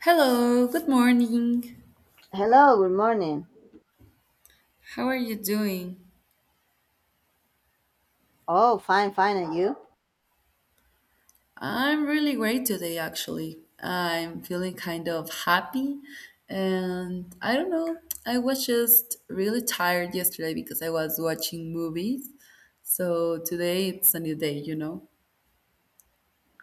Hello, good morning. Hello, good morning. How are you doing? Oh, fine, fine. And you? I'm really great today, actually. I'm feeling kind of happy, and I don't know. I was just really tired yesterday because I was watching movies. So today it's a new day, you know?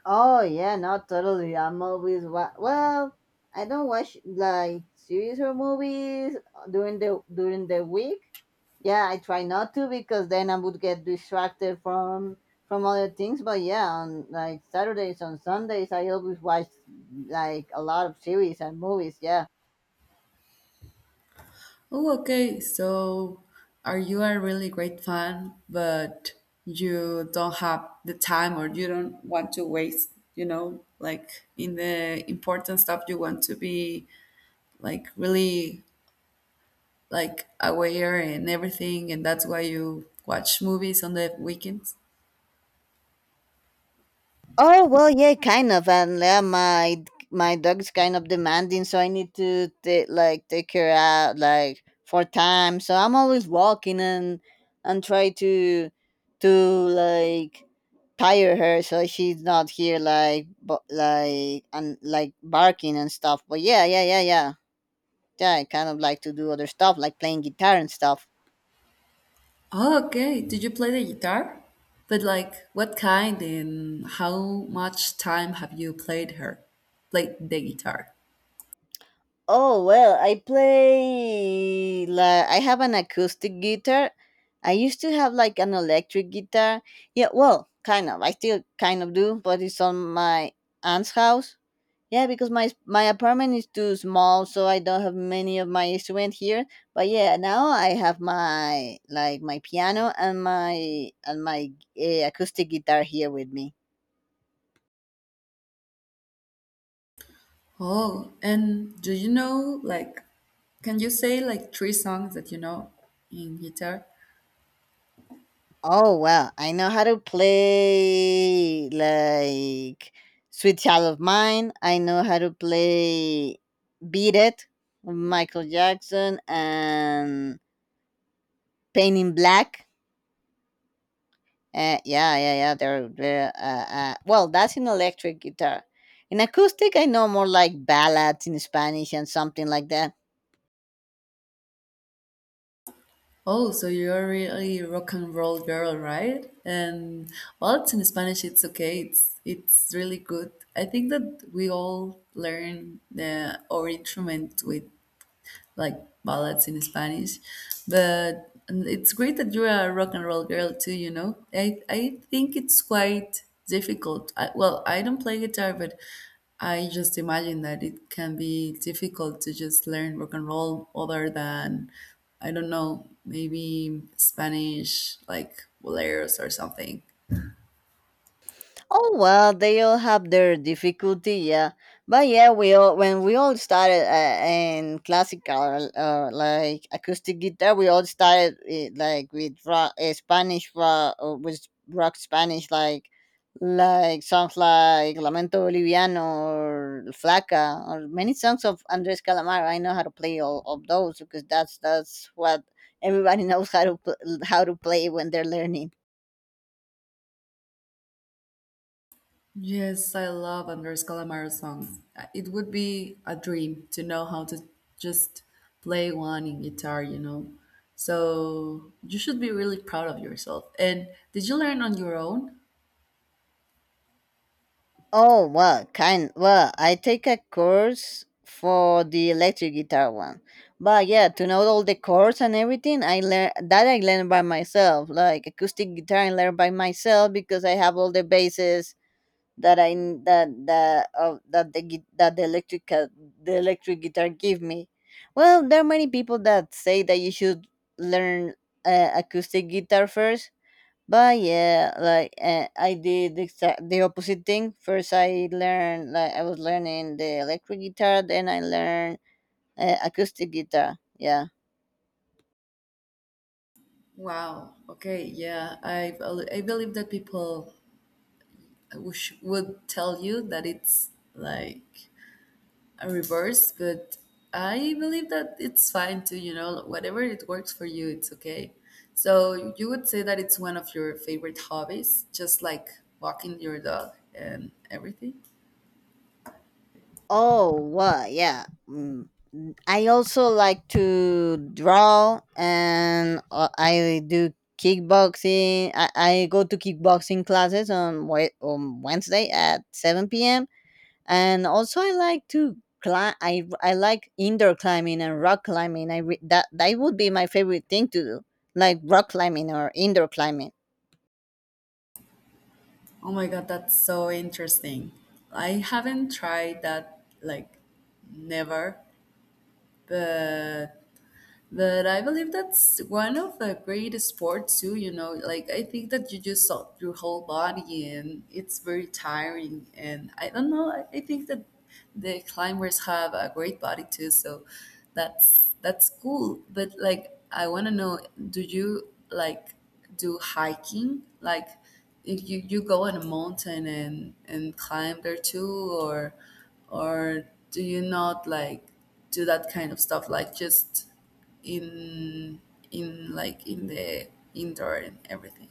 Oh, yeah, not totally. Well, I don't watch like series or movies during the week. Yeah, I try not to because then I would get distracted from other things. But yeah, on like Saturdays on Sundays, I always watch like a lot of series and movies. Yeah. Oh, okay. So are you a really great fan, but you don't have the time or you don't want to waste, you know, like in the important stuff you want to be like really like aware and everything, and that's why you watch movies on the weekends? Oh well, yeah, kind of, and yeah, my dog's kind of demanding, so I need to like take her out like for time. So I'm always walking and try to like tire her so she's not here like but like and like barking and stuff. But yeah. I kind of like to do other stuff like playing guitar and stuff. Oh, okay. Did you play the guitar? But like, what kind and how much time have you played her, played the guitar? Oh well, I play like I have an acoustic guitar. I used to have like an electric guitar. Yeah, well, kind of. I still kind of do, but it's on my aunt's house. Yeah, because my apartment is too small, so I don't have many of my instruments here. But yeah, now I have my like my piano and my and my acoustic guitar here with me. Oh, and do you know like, can you say like three songs that you know in guitar? Oh well, I know how to play like Sweet Child of Mine. I know how to play Beat It, Michael Jackson, and Painting in Black. Yeah. That's in electric guitar. In acoustic, I know more like ballads in Spanish and something like that. Oh, so you're really rock and roll girl, right? And well, it's in Spanish. It's okay. It's really good. I think that we all learn the, our instrument with like ballads in Spanish. But it's great that you're a rock and roll girl too, you know. I think it's quite difficult. I, well, I don't play guitar, but I just imagine that it can be difficult to just learn rock and roll other than I don't know, maybe Spanish like boleros or something. Oh well, they all have their difficulty, yeah. But yeah, we all when we all started in classical, like acoustic guitar, we all started like with rock, Spanish rock, or with rock Spanish, like songs like Lamento Boliviano or Flaca, or many songs of Andres Calamaro. I know how to play all of those because that's what everybody knows how to how to play when they're learning. Yes, I love Andres Calamaro songs. It would be a dream to know how to just play one in guitar, you know. So you should be really proud of yourself. And did you learn on your own? Oh, well, kind. Well, I take a course for the electric guitar one, but yeah, to know all the chords and everything, I learned by myself, like acoustic guitar, I learned by myself because I have all the bases that I n- that that of that the that the electric guitar give me. Well, there are many people that say that you should learn acoustic guitar first, but yeah, like I did exact the opposite thing. First, I learned like I was learning the electric guitar, then I learned acoustic guitar. Yeah. Wow. Okay. Yeah. I believe that people wish, would tell you that it's like reverse, but I believe that it's fine too, you know, whatever it works for you, it's okay. So you would say that it's one of your favorite hobbies, just like walking your dog and everything. Oh, wow, yeah. Mm. I also like to draw, and I do kickboxing. I go to kickboxing classes on Wednesday at seven p.m., and also I like to climb. I like indoor climbing and rock climbing. That that would be my favorite thing to do, like rock climbing or indoor climbing. Oh my god, that's so interesting. I haven't tried that like never, but but I believe that's one of the great sports too, you know. Like I think that you just salt your whole body and it's very tiring and I don't know, I think that the climbers have a great body too, so that's cool. But like I wanna know, do you like do hiking? Like if you, you go on a mountain and climb there too or do you not like do that kind of stuff like just in in the indoor and everything.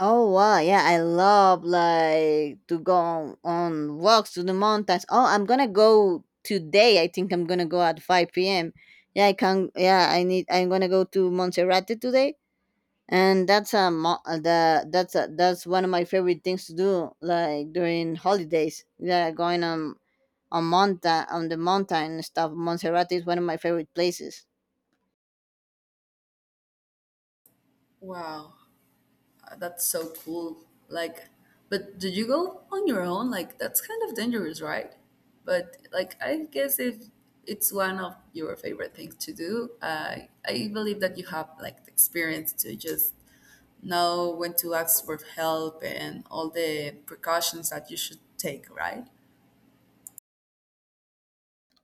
Oh wow, yeah, I love like to go on walks to the mountains. Oh, I'm gonna go today. I think I'm gonna go at five p.m. Yeah, I can. Yeah, I need. I'm gonna go to Montserrat today, and that's a mo- the that's that's one of my favorite things to do, like during holidays. Yeah, going on mountain on the mountain and stuff. Montserrat is one of my favorite places. Wow, that's so cool. Like, but did you go on your own? Like, that's kind of dangerous, right? But like, I guess if it's one of your favorite things to do, I believe that you have like the experience to just know when to ask for help and all the precautions that you should take, right?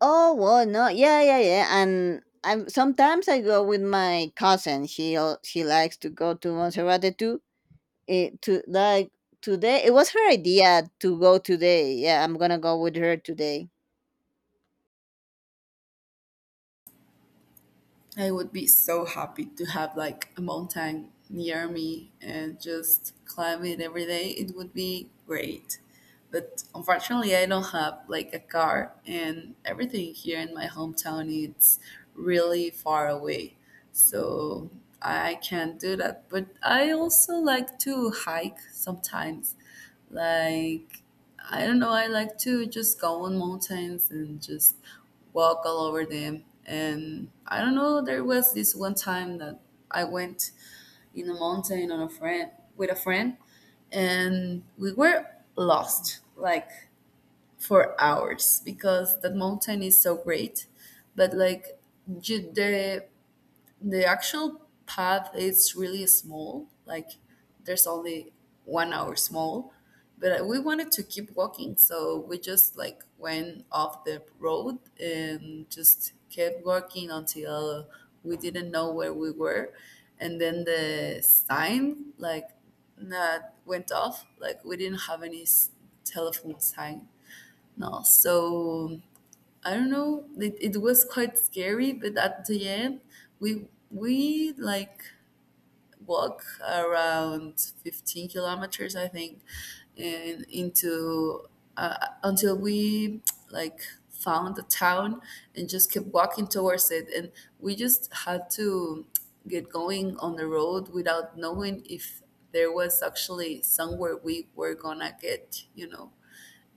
Oh well, no, yeah. And I go with my cousin. She likes to go to Montserrat too. It, to like Today, it was her idea to go today. Yeah, I'm gonna go with her today. I would be so happy to have like a mountain near me and just climb it every day. It would be great. But unfortunately, I don't have like a car and everything here in my hometown is really far away. So I can't do that. But I also like to hike sometimes. Like I don't know, I like to just go on mountains and just walk all over them. And I don't know, there was this one time that I went in a mountain on a friend with a friend and we were lost like for hours because that mountain is so great. But like you, the actual path is really small like there's only 1 hour small but we wanted to keep walking so we just like went off the road and just kept walking until we didn't know where we were and then the sign like that went off like we didn't have telephone sign no so I don't know. It was quite scary, but at the end, we like walk around 15 kilometers, I think, and into uh, until we like found the town and just kept walking towards it, and we just had to get going on the road without knowing if there was actually somewhere we were gonna get, you know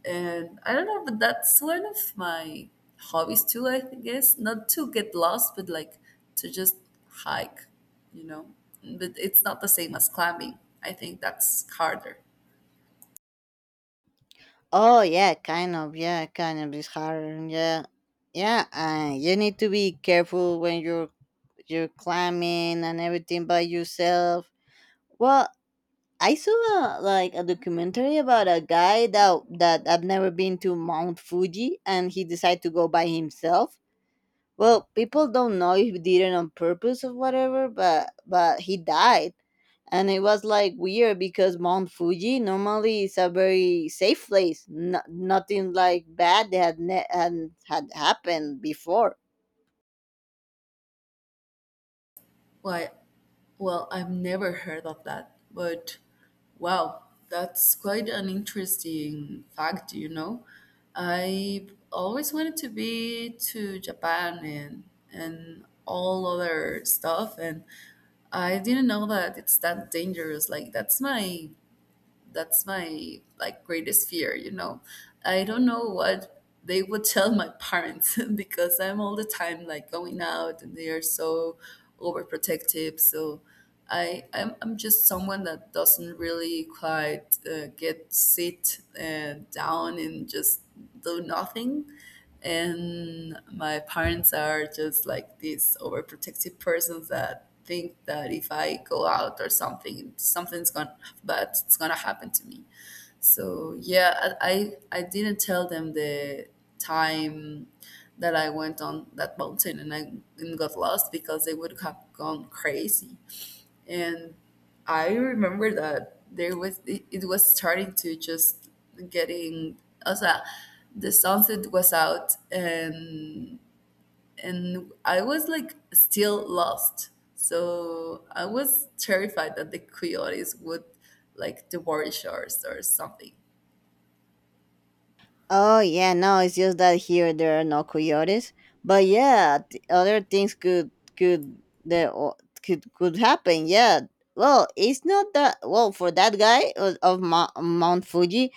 and I don't know, but that's one of my hobbies too, I guess. Not to get lost, but like to just hike, you know. But it's not the same as climbing. I think that's harder. Oh yeah, kind of. Yeah, kind of. It's hard. Yeah, yeah. You need to be careful when you're climbing and everything by yourself. Well, I saw like a documentary about a guy that had never been to Mount Fuji and he decided to go by himself. Well, people don't know if he did it on purpose or whatever, but he died. And it was like weird because Mount Fuji normally is a very safe place. No, nothing like bad that had had happened before. Why? Well, I've never heard of that, but wow, that's quite an interesting fact, you know. I always wanted to be to Japan and all other stuff and I didn't know that it's that dangerous. Like that's my like greatest fear, you know. I don't know what they would tell my parents because I'm all the time like going out and they are so overprotective. So I'm just someone that doesn't really quite get sit down and just do nothing and my parents are just like these overprotective persons that think that if I go out or something, something's gonna bad, it's gonna happen to me. So yeah, I didn't tell them the time that I went on that mountain and I and got lost because they would have gone crazy and I remember that there was it was starting to just getting also the sunset was out and I was like still lost. So I was terrified that the coyotes would like devour us or something. Oh yeah, no, it's just that here there are no coyotes. But yeah, other things could could the o- could happen. Yeah. Well, it's not that well for that guy of Mount Fuji.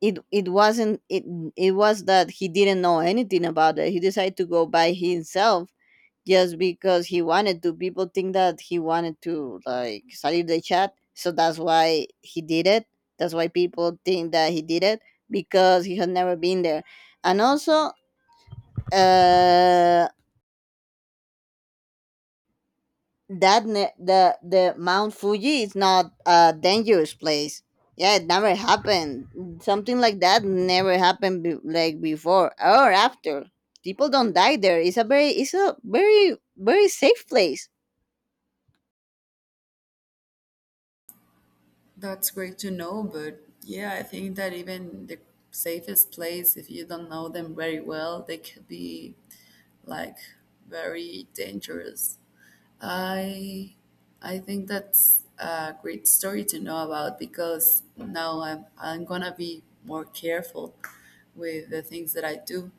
It wasn't it was that he didn't know anything about it. He decided to go by himself just because he wanted to. People think that he wanted to like salute the chat, so that's why he did it. That's why people think that he did it because he had never been there, and also uh, the Mount Fuji is not a dangerous place. Yeah, it never happened. Something like that never happened like before or after. People don't die there. It's a very very safe place. That's great to know, but yeah, I think that even the safest place, if you don't know them very well, they could be like very dangerous I I think that's a great story to know about because now I'm gonna be more careful with the things that I do.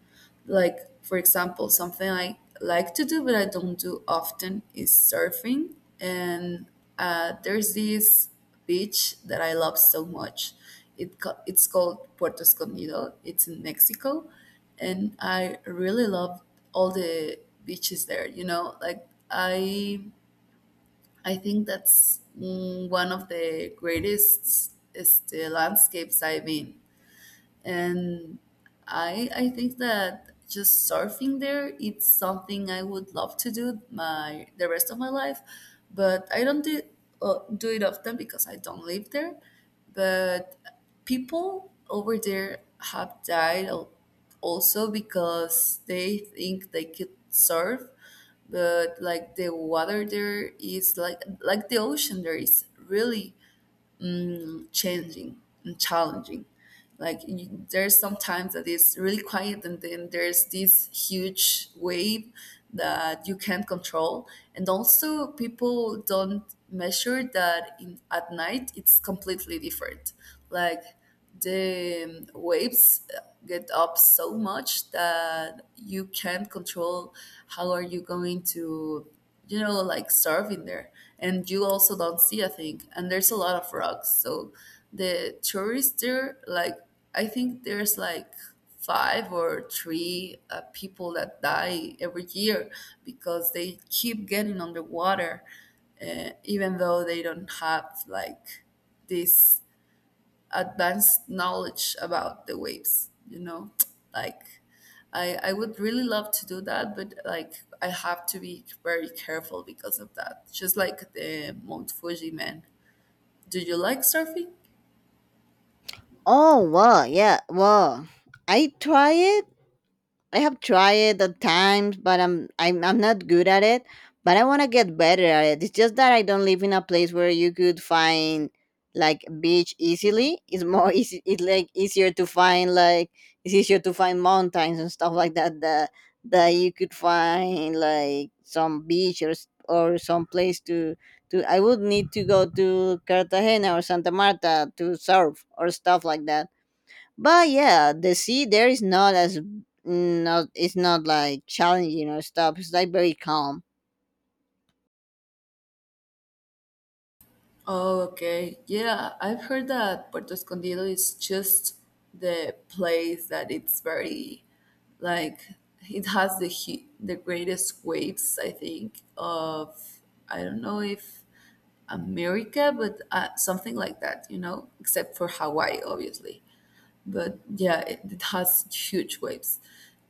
Like for example, something I like to do but I don't do often is surfing, and there's this beach that I love so much. It's called Puerto Escondido. It's in Mexico, and I really love all the beaches there. You know, like I think that's one of the greatest este, landscapes I've been and I think that just surfing there it's something I would love to do my the rest of my life, but I don't do do it often because I don't live there. But people over there have died also because they think they could surf, but like the water there is like the ocean there is really to changing and challenging. Like you, there's sometimes that it's really quiet, and then there's this huge wave that you can't control. And also, people don't measure that in, at night it's completely different. Like the waves get up so much that you can't control how are you going to you know, like surfing there. And you also don't see a thing. And there's a lot of rocks. So the tourists there, like, I think there's like five or three people that die every year because they keep getting underwater, even though they don't have like this advanced knowledge about the waves you know like I would really love to do that but like I have to be very careful because of that just like the Mount Fuji, man. Do you like surfing? Oh well, yeah, well, I try it. I have tried it at times, but I'm not good at it. But I want to get better at it. It's just that I don't live in a place where you could find like beach easily. It's more easy. It's like easier to find like it's easier to find mountains and stuff like that that you could find like some beach or or some place to to. I would need to go to Cartagena or Santa Marta to surf or stuff like that, but yeah, the sea there is not, it's not like challenging or stuff. It's like very calm. Oh, okay. Yeah, I've heard that Puerto Escondido is just the place that it's very like it has the greatest waves I think of I don't know if America, but something like that, you know, except for Hawaii, obviously but yeah, it has huge waves.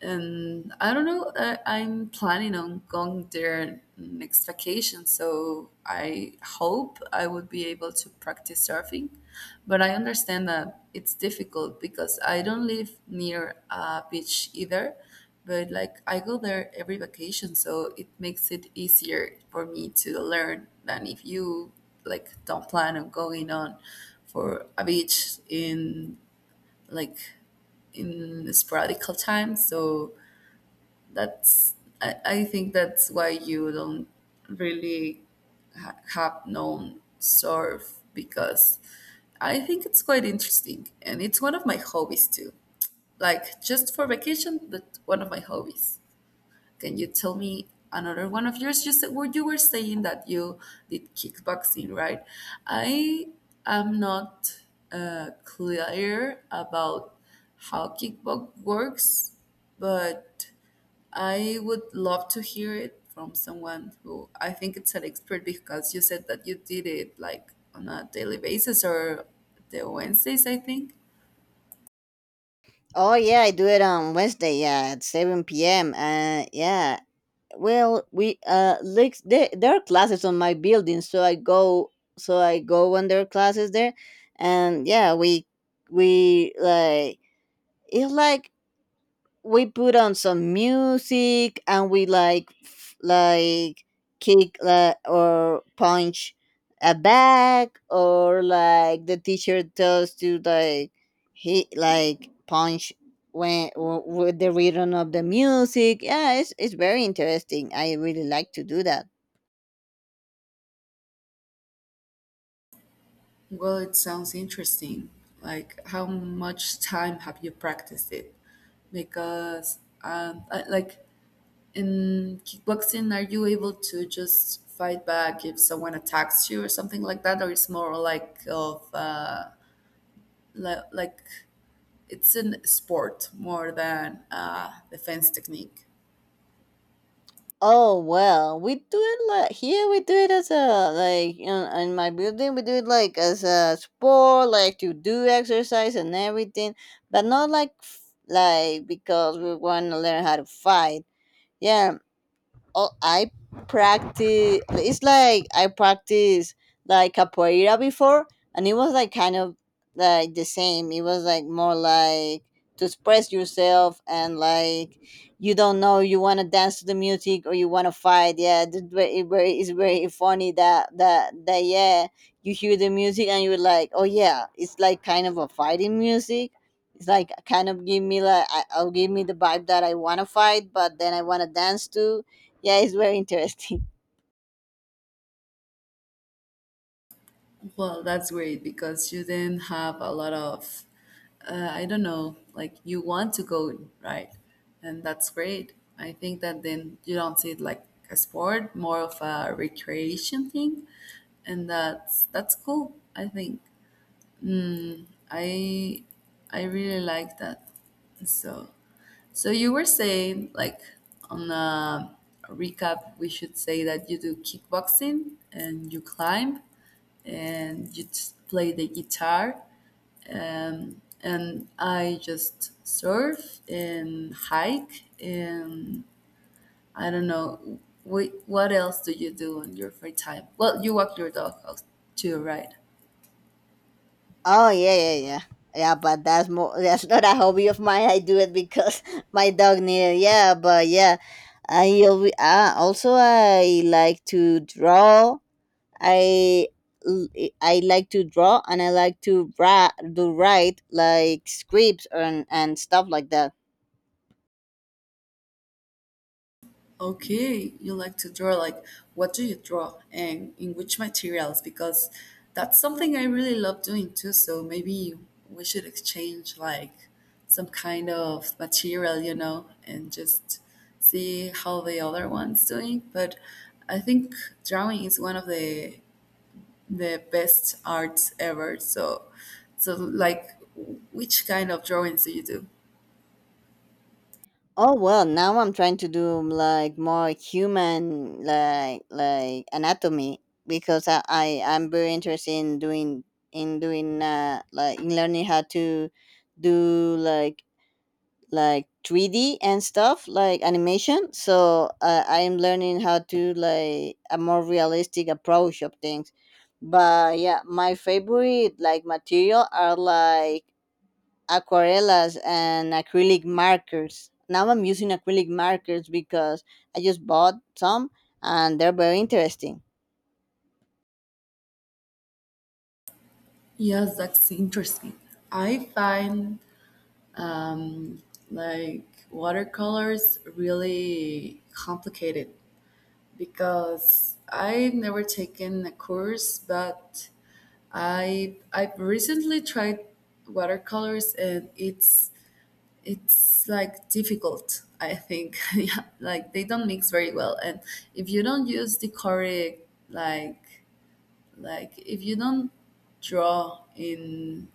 And I don't know, I'm planning on going there next vacation, so I hope I would be able to practice surfing. But I understand that it's difficult because I don't live near a beach either, but like I go there every vacation, so it makes it easier for me to learn than if you like don't plan on going on for a beach in like in sporadical time. So that's I think that's why you don't really have known surf because I think it's quite interesting and it's one of my hobbies too. Like just for vacation, that's one of my hobbies. Can you tell me another one of yours? You said well, you were saying that you did kickboxing, right? I am not clear about how kickbox works, but I would love to hear it from someone who I think it's an expert because you said that you did it like on a daily basis or the Wednesdays, I think. Oh yeah, I do it on Wednesday. Yeah, at seven p.m. Yeah. Well, we like there are classes on my building, so I go when there are classes there, and yeah, we like it's like we put on some music and we like like kick or punch a bag or like the teacher tells to like he like punch when with the rhythm of the music. Yeah, it's very interesting. I really like to do that. Well, it sounds interesting. Like, how much time have you practiced it? Because, like in kickboxing, are you able to just fight back if someone attacks you or something like that, or it's more like of like it's a sport more than a defense technique? Oh well, we do it like here. We do it as in my building. We do it like as a sport, like to do exercise and everything, but not like like because we want to learn how to fight. Yeah. Oh, I practice. It's like I practiced like capoeira before, and it was like kind of like the same. It was like more like to express yourself and like you don't know you want to dance to the music or you want to fight. Yeah, it's it's very funny that yeah, you hear the music and you're like, oh yeah, it's like kind of a fighting music. It's like kind of give me like I'll give me the vibe that I want to fight, but then I want to dance too. Yeah, it's very interesting. Well, that's great because you then have a lot of, I don't know, like you want to go, right? And that's great. I think that then you don't see it like a sport, more of a recreation thing, and that's cool. I think I I really like that. So so you were saying, like, on a recap, we should say that you do kickboxing and you climb and just play the guitar. And I just surf and hike. And I don't know, what else do you do in your free time? Well, you walk your dog out too, right? Oh yeah. But that's more. That's not a hobby of mine. I do it because my dog needed. Yeah, but yeah, also I like to draw. I l- I like to draw and I like to do write like scripts and stuff like that. Okay, you like to draw. Like, what do you draw and in which materials? Because that's something I really love doing too. So maybe we should exchange like some kind of material, and just see how the other one's doing. But I think drawing is one of the best arts ever. So like, which kind of drawings do you do? Oh well, now I'm trying to do like more human like anatomy because I'm very interested in doing in doing like in learning how to do like 3D and stuff like animation. So I'm learning how to like a more realistic approach of things. But yeah, my favorite like material are like aquarellas and acrylic markers. Now I'm using acrylic markers because I just bought some and they're very interesting. Yes, that's interesting. I find um, like watercolors really complicated because I've never taken a course, but I've recently tried watercolors, and it's like difficult, I think. Yeah, like they don't mix very well, and if you don't use the correct, like like if you don't draw in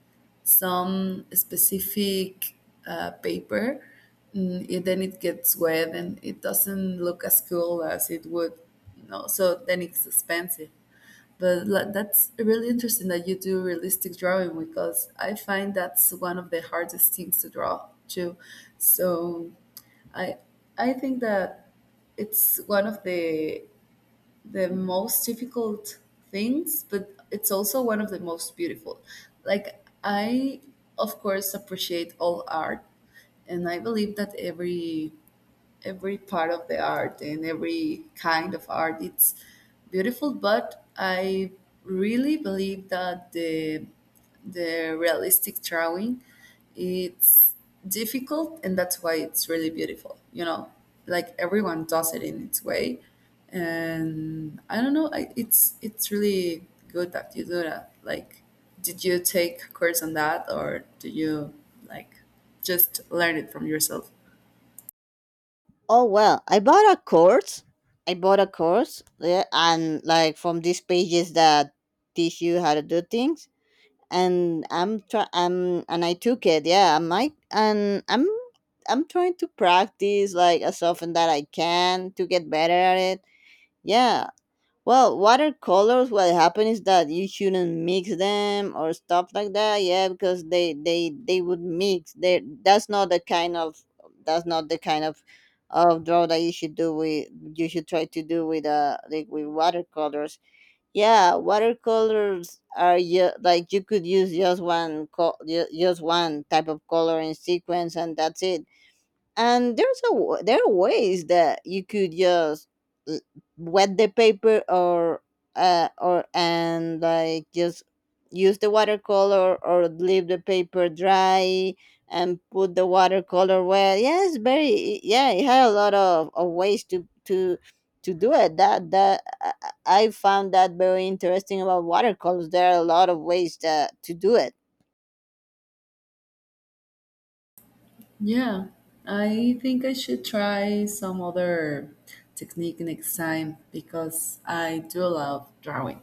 some specific paper, then it gets wet and it doesn't look as cool as it would. No, so then it's expensive. But, like, that's really interesting that you do realistic drawing, because I find that's one of the hardest things to draw too. So, I I think that it's one of the most difficult things, but it's also one of the most beautiful. Like, I, of course, appreciate all art, and I believe that every part of the art and every kind of art, it's beautiful. But I really believe that the realistic drawing, it's difficult, and that's why it's really beautiful. You know, like everyone does it in its way, and I don't know. It's really good that you do that. Like, did you take a course on that, or do you like just learn it from yourself? Oh well, I bought a course. I bought a course, yeah, and like from these pages that teach you how to do things, and I took it. Yeah, I might and I'm trying to practice like as often that I can to get better at it. Yeah. Well, watercolors, what happen is that you shouldn't mix them or stuff like that. Yeah, because they would mix. They that's not the kind of that's not the kind of draw that you should do with you should try to do with like with watercolors. Yeah, watercolors are like you could use just just one type of color in sequence and that's it. And there's there are ways that you could just uh, wet the paper or and like just use the watercolor or leave the paper dry and put the watercolor wet. Yeah, it's very, yeah, it had a lot of ways to do it that I found that very interesting about watercolors. There are a lot of ways that to do it. Yeah, I think I should try some other technique next time, because I do love drawing.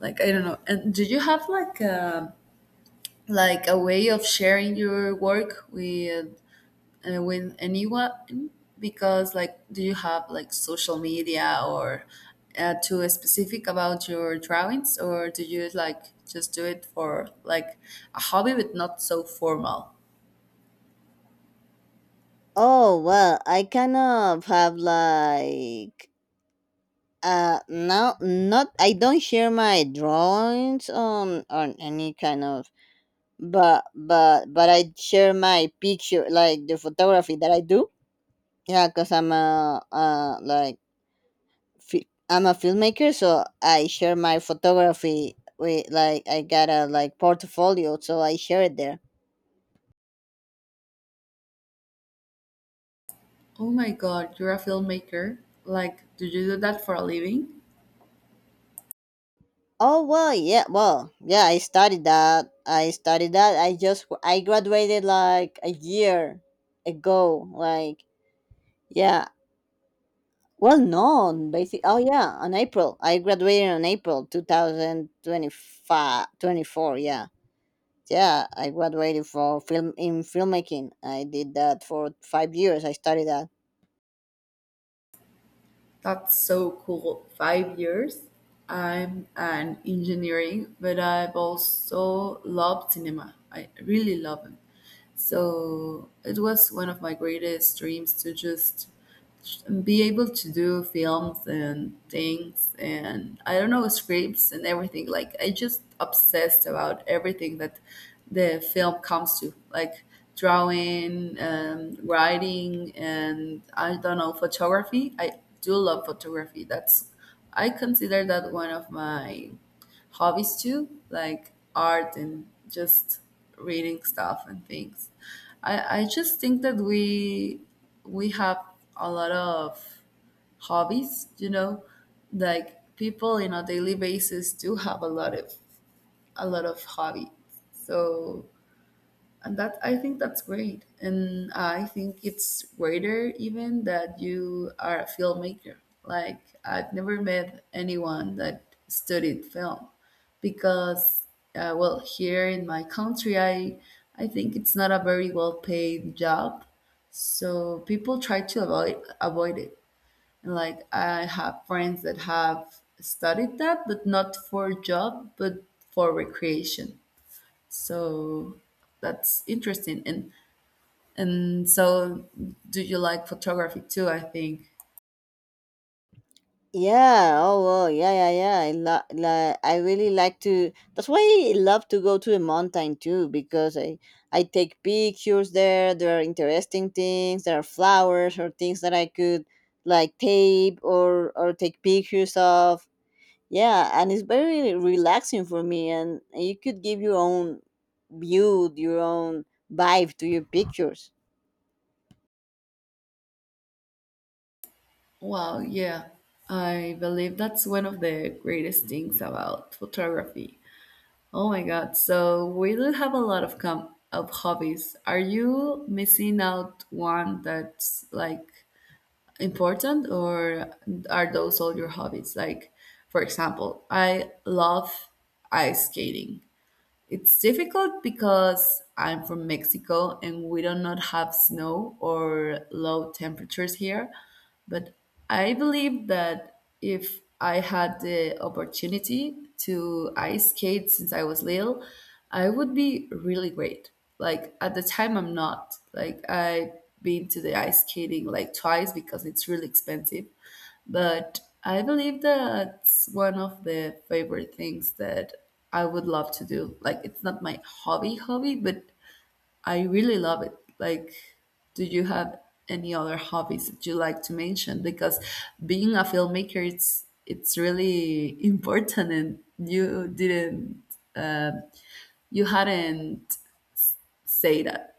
Like, I don't know. And do you have like a way of sharing your work with anyone? Because, like, do you have like social media or too specific about your drawings, or do you like just do it for like a hobby but not so formal? Oh well, I kind of have like no, not, I don't share my drawings on any kind of, but I share my picture, like the photography that I do. Yeah, cause I'm a like I'm a filmmaker, so I share my photography with, like, I got a like portfolio, so I share it there. Oh my God, you're a filmmaker? Like, do you do that for a living? Oh well, yeah, well, yeah. I studied that. I graduated like a year ago. Like, yeah. Well, no, basically. Oh, yeah, on April. I graduated on April 2025, 24. Yeah. Yeah, I graduated for film in filmmaking. I did that for 5 years. I studied that. That's so cool. 5 years? I'm an engineering, but I've also loved cinema. I really love it. So it was one of my greatest dreams to just be able to do films and things, and I don't know, scripts and everything. Like, I just obsessed about everything that the film comes to. Like drawing and writing and I don't know, photography. I do love photography. That's, I consider that one of my hobbies too, like art and just reading stuff and things. I just think that we have a lot of hobbies, you know, like people in a daily basis do have a lot of hobbies. So, and that I think that's great, and I think it's greater even that you are a filmmaker. Like, I've never met anyone that studied film, because well, here in my country, I think it's not a very well paid job, so people try to avoid it. And like, I have friends that have studied that, but not for job, but for recreation. So that's interesting. And so, do you like photography too, I think. Yeah, oh, wow, yeah, yeah, yeah. I really like to. That's why I love to go to the mountain too, because I take pictures there. There are interesting things. There are flowers or things that I could like tape or take pictures of. Yeah, and it's very relaxing for me, and you could give your own view, your own vibe to your pictures. Wow, yeah. I believe that's one of the greatest things about photography. Oh my God. So we do have a lot of com of hobbies. Are you missing out one that's like important, or are those all your hobbies? Like, for example, I love ice skating. It's difficult because I'm from Mexico and we do not have snow or low temperatures here. But I believe that if I had the opportunity to ice skate since I was little, I would be really great. Like, at the time, I'm not. Like, I've been to the ice skating like twice because it's really expensive, but I believe that's one of the favorite things that I would love to do. Like, it's not my hobby hobby, but I really love it. Like, do you have any other hobbies that you like to mention? Because being a filmmaker, it's really important, and you didn't uh, you hadn't say that.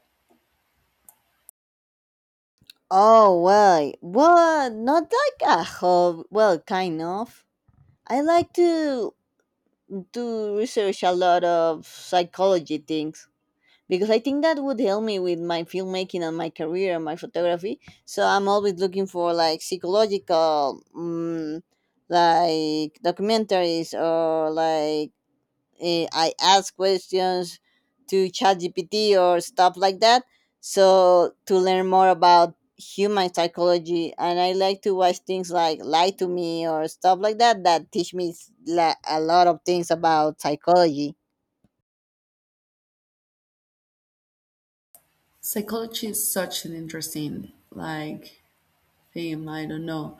Oh well, well, not like a hobby. Well, kind of. I like to research a lot of psychology things because I think that would help me with my filmmaking and my career and my photography. So I'm always looking for like psychological, like documentaries or like, I ask questions to ChatGPT or stuff like that. So to learn more about human psychology, and I like to watch things like Lie to Me or stuff like that that teach me a lot of things about psychology. Psychology is such an interesting like him I don't know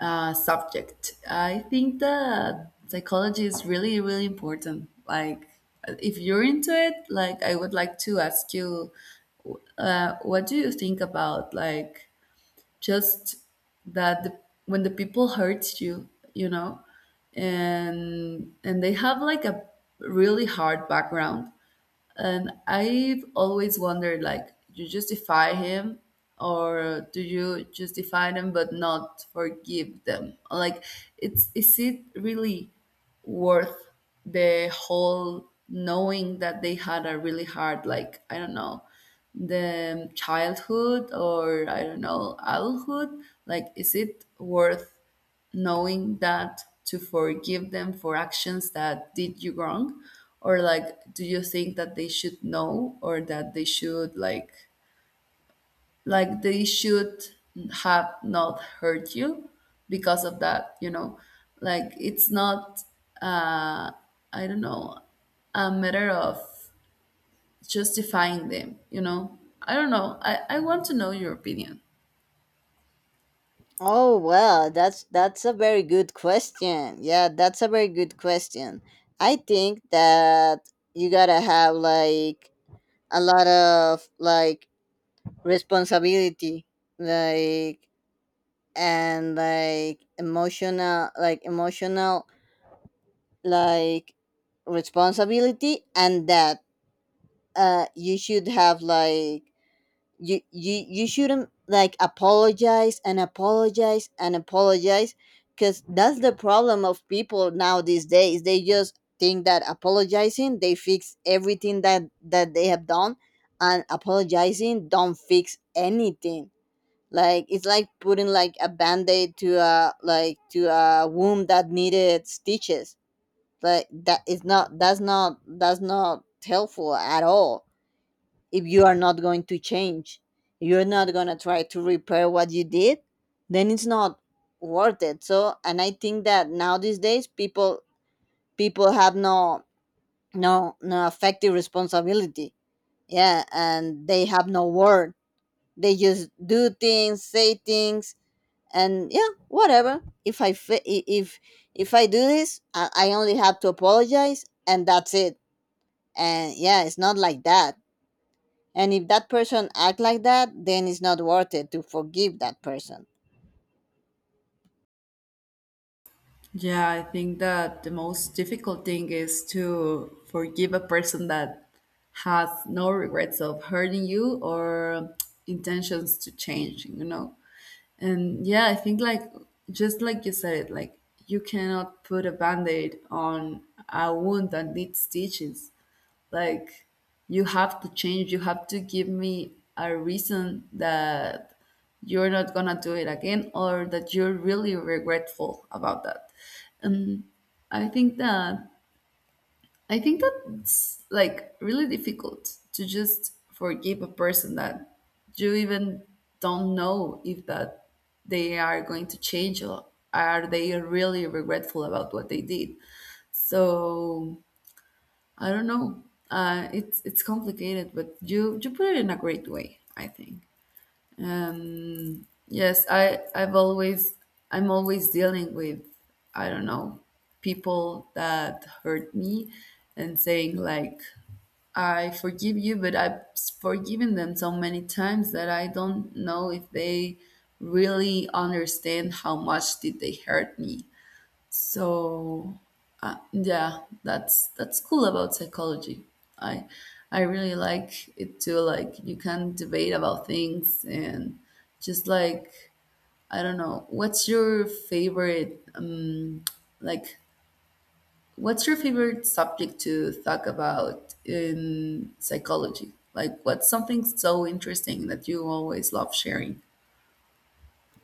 subject. I think that psychology is really really important. Like, if you're into it, like I would like to ask you what do you think about like just that the, when the people hurt you, you know, and they have like a really hard background, and I've always wondered, like, do you justify him, or do you justify them but not forgive them? Like, it's, is it really worth the whole knowing that they had a really hard, like, I don't know, the childhood, or I don't know, adulthood, like, is it worth knowing that to forgive them for actions that did you wrong? Or like, do you think that they should know, or that they should like, they should have not hurt you because of that, you know? Like, it's not uh I don't know a matter of justifying them, you know? I don't know, I want to know your opinion. Oh well, that's a very good question. Yeah, that's a very good question. I think that you gotta have like a lot of like responsibility, like, and like emotional, like emotional, like responsibility. And that you should have like, you shouldn't like apologize and apologize and apologize, because that's the problem of people now these days. They just think that apologizing they fix everything that they have done. And apologizing don't fix anything. Like, it's like putting like a band-aid to a like to a wound that needed stitches. Like, that is not, that's not helpful at all. If you are not going to change, you're not going to try to repair what you did, then it's not worth it. So, and I think that now these days people have no, no no effective responsibility. Yeah, and they have no word. They just do things, say things, and yeah, whatever. If if I do this, I only have to apologize and that's it. And yeah, it's not like that. And if that person act like that, then it's not worth it to forgive that person. Yeah, I think that the most difficult thing is to forgive a person that has no regrets of hurting you or intentions to change, you know? And yeah, I think, like, just like you said, like, you cannot put a band-aid on a wound that needs stitches. Like, you have to change, you have to give me a reason that you're not gonna do it again, or that you're really regretful about that. Um i think that i think that it's like really difficult to just forgive a person that you even don't know if that they are going to change, or are they really regretful about what they did. So, I don't know. It's complicated, but you put it in a great way, I think. Um, yes, I've always, I'm always dealing with, I don't know, people that hurt me, and saying like, I forgive you, but I've forgiven them so many times that I don't know if they really understand how much did they hurt me. So yeah, that's cool about psychology. I I really like it too. Like, you can debate about things, and just like, I don't know, what's your favorite like what's your favorite subject to talk about in psychology? Like, what's something so interesting that you always love sharing?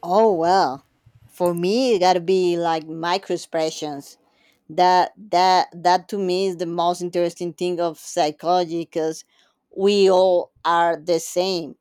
Oh well, for me it gotta be like micro expressions. That to me is the most interesting thing of psychology, because we all are the same.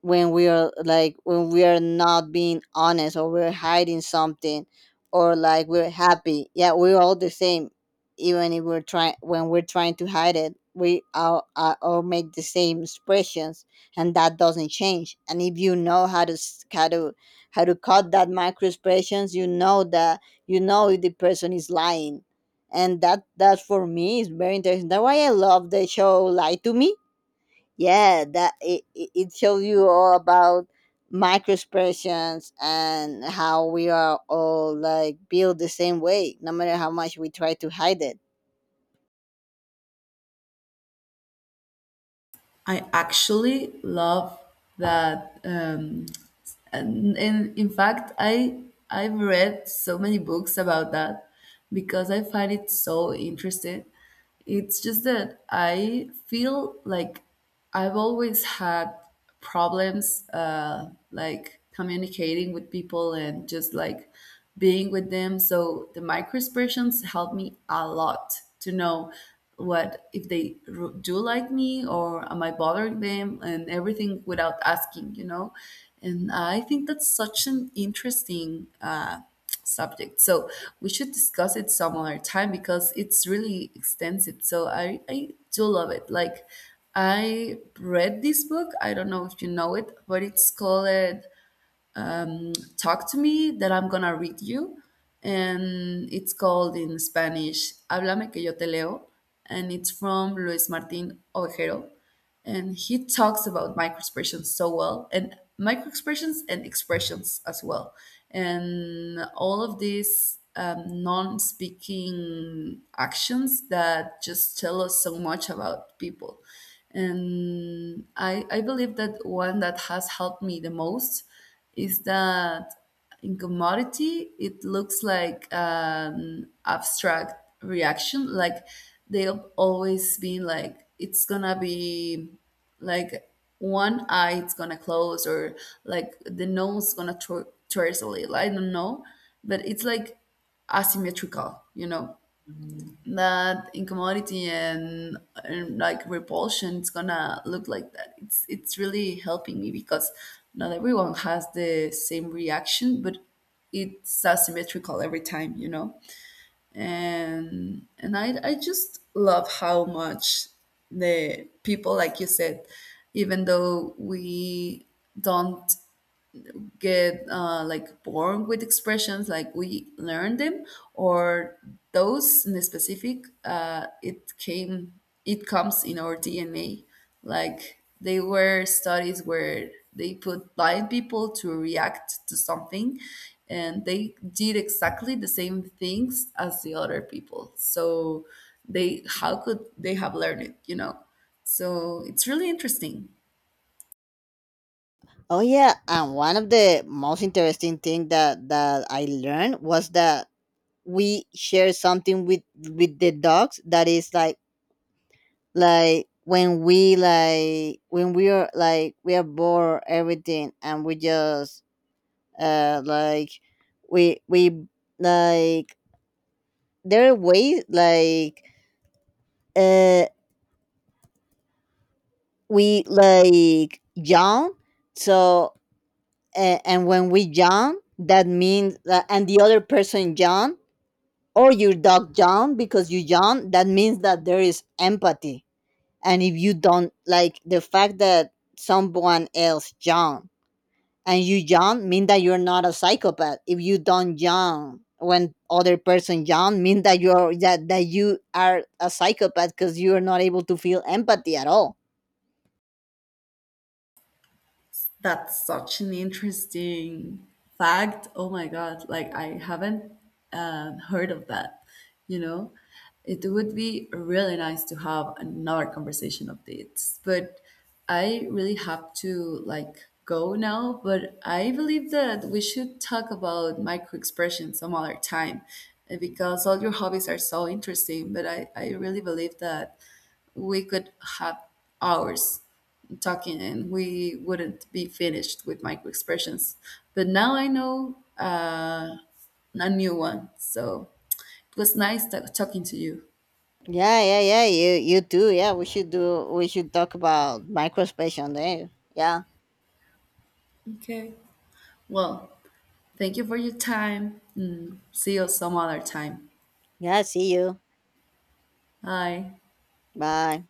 When we are like, when we are not being honest, or we're hiding something, or like we're happy, yeah, we're all the same. Even if we're trying, when we're trying to hide it, we all make the same expressions, and that doesn't change. And if you know how to s- how to cut that micro expressions, you know that, you know, if the person is lying. And that for me is very interesting. That's why I love the show Lie to Me. Yeah, that it shows you all about microexpressions and how we are all like built the same way, no matter how much we try to hide it. I actually love that. And, in fact, I've read so many books about that because I find it so interesting. It's just that I feel like I've always had problems, like communicating with people and just like being with them. So the microexpressions help me a lot to know what, if they do like me, or am I bothering them, and everything without asking, you know. And I think that's such an interesting subject. So we should discuss it some other time because it's really extensive. So, I do love it. Like, I read this book, I don't know if you know it, but it's called Talk to Me, that I'm gonna read you. And it's called in Spanish, Háblame que yo te leo. And it's from Luis Martin Ovejero, and he talks about microexpressions so well, and microexpressions and expressions as well, and all of these non-speaking actions that just tell us so much about people. And I believe that one that has helped me the most is that in commodity it looks like an abstract reaction. Like, they've always been like, it's gonna be like one eye it's gonna close, or like the nose gonna towards little, I don't know, but it's like asymmetrical, you know. That incommodity and like repulsion, it's gonna look like that. It's really helping me because not everyone has the same reaction, but it's asymmetrical every time, you know. And I just love how much the people, like you said, even though we don't get like born with expressions, like we learn them, or those in specific, it comes in our dna. Like, they were studies where they put blind people to react to something, and they did exactly the same things as the other people. So, they, how could they have learned it, you know? So it's really interesting. Oh yeah, and one of the most interesting thing that I learned was that we share something with the dogs. That is like when we like, when we are like, we are bored everything, and we just like we like, there are ways like, uh we like yawn. So and when we yawn, that means that, and the other person yawn or your dog yawn because you yawn, that means that there is empathy. And if you don't like the fact that someone else yawn and you yawn mean that you're not a psychopath. If you don't yawn when other person yawn mean that that you are a psychopath, because you are not able to feel empathy at all. That's such an interesting fact. Oh my God. Like, I haven't heard of that. You know, it would be really nice to have another conversation of dates, but I really have to like go now. But I believe that we should talk about micro expressions some other time, because all your hobbies are so interesting. But I really believe that we could have hours talking, and we wouldn't be finished with microexpressions. But now I know a new one. So it was nice talking to you. Yeah, yeah, yeah, you too. Yeah, we should talk about microspatial there. Yeah. Okay. Well, thank you for your time, and See you some other time. Yeah, see you. Bye. Bye.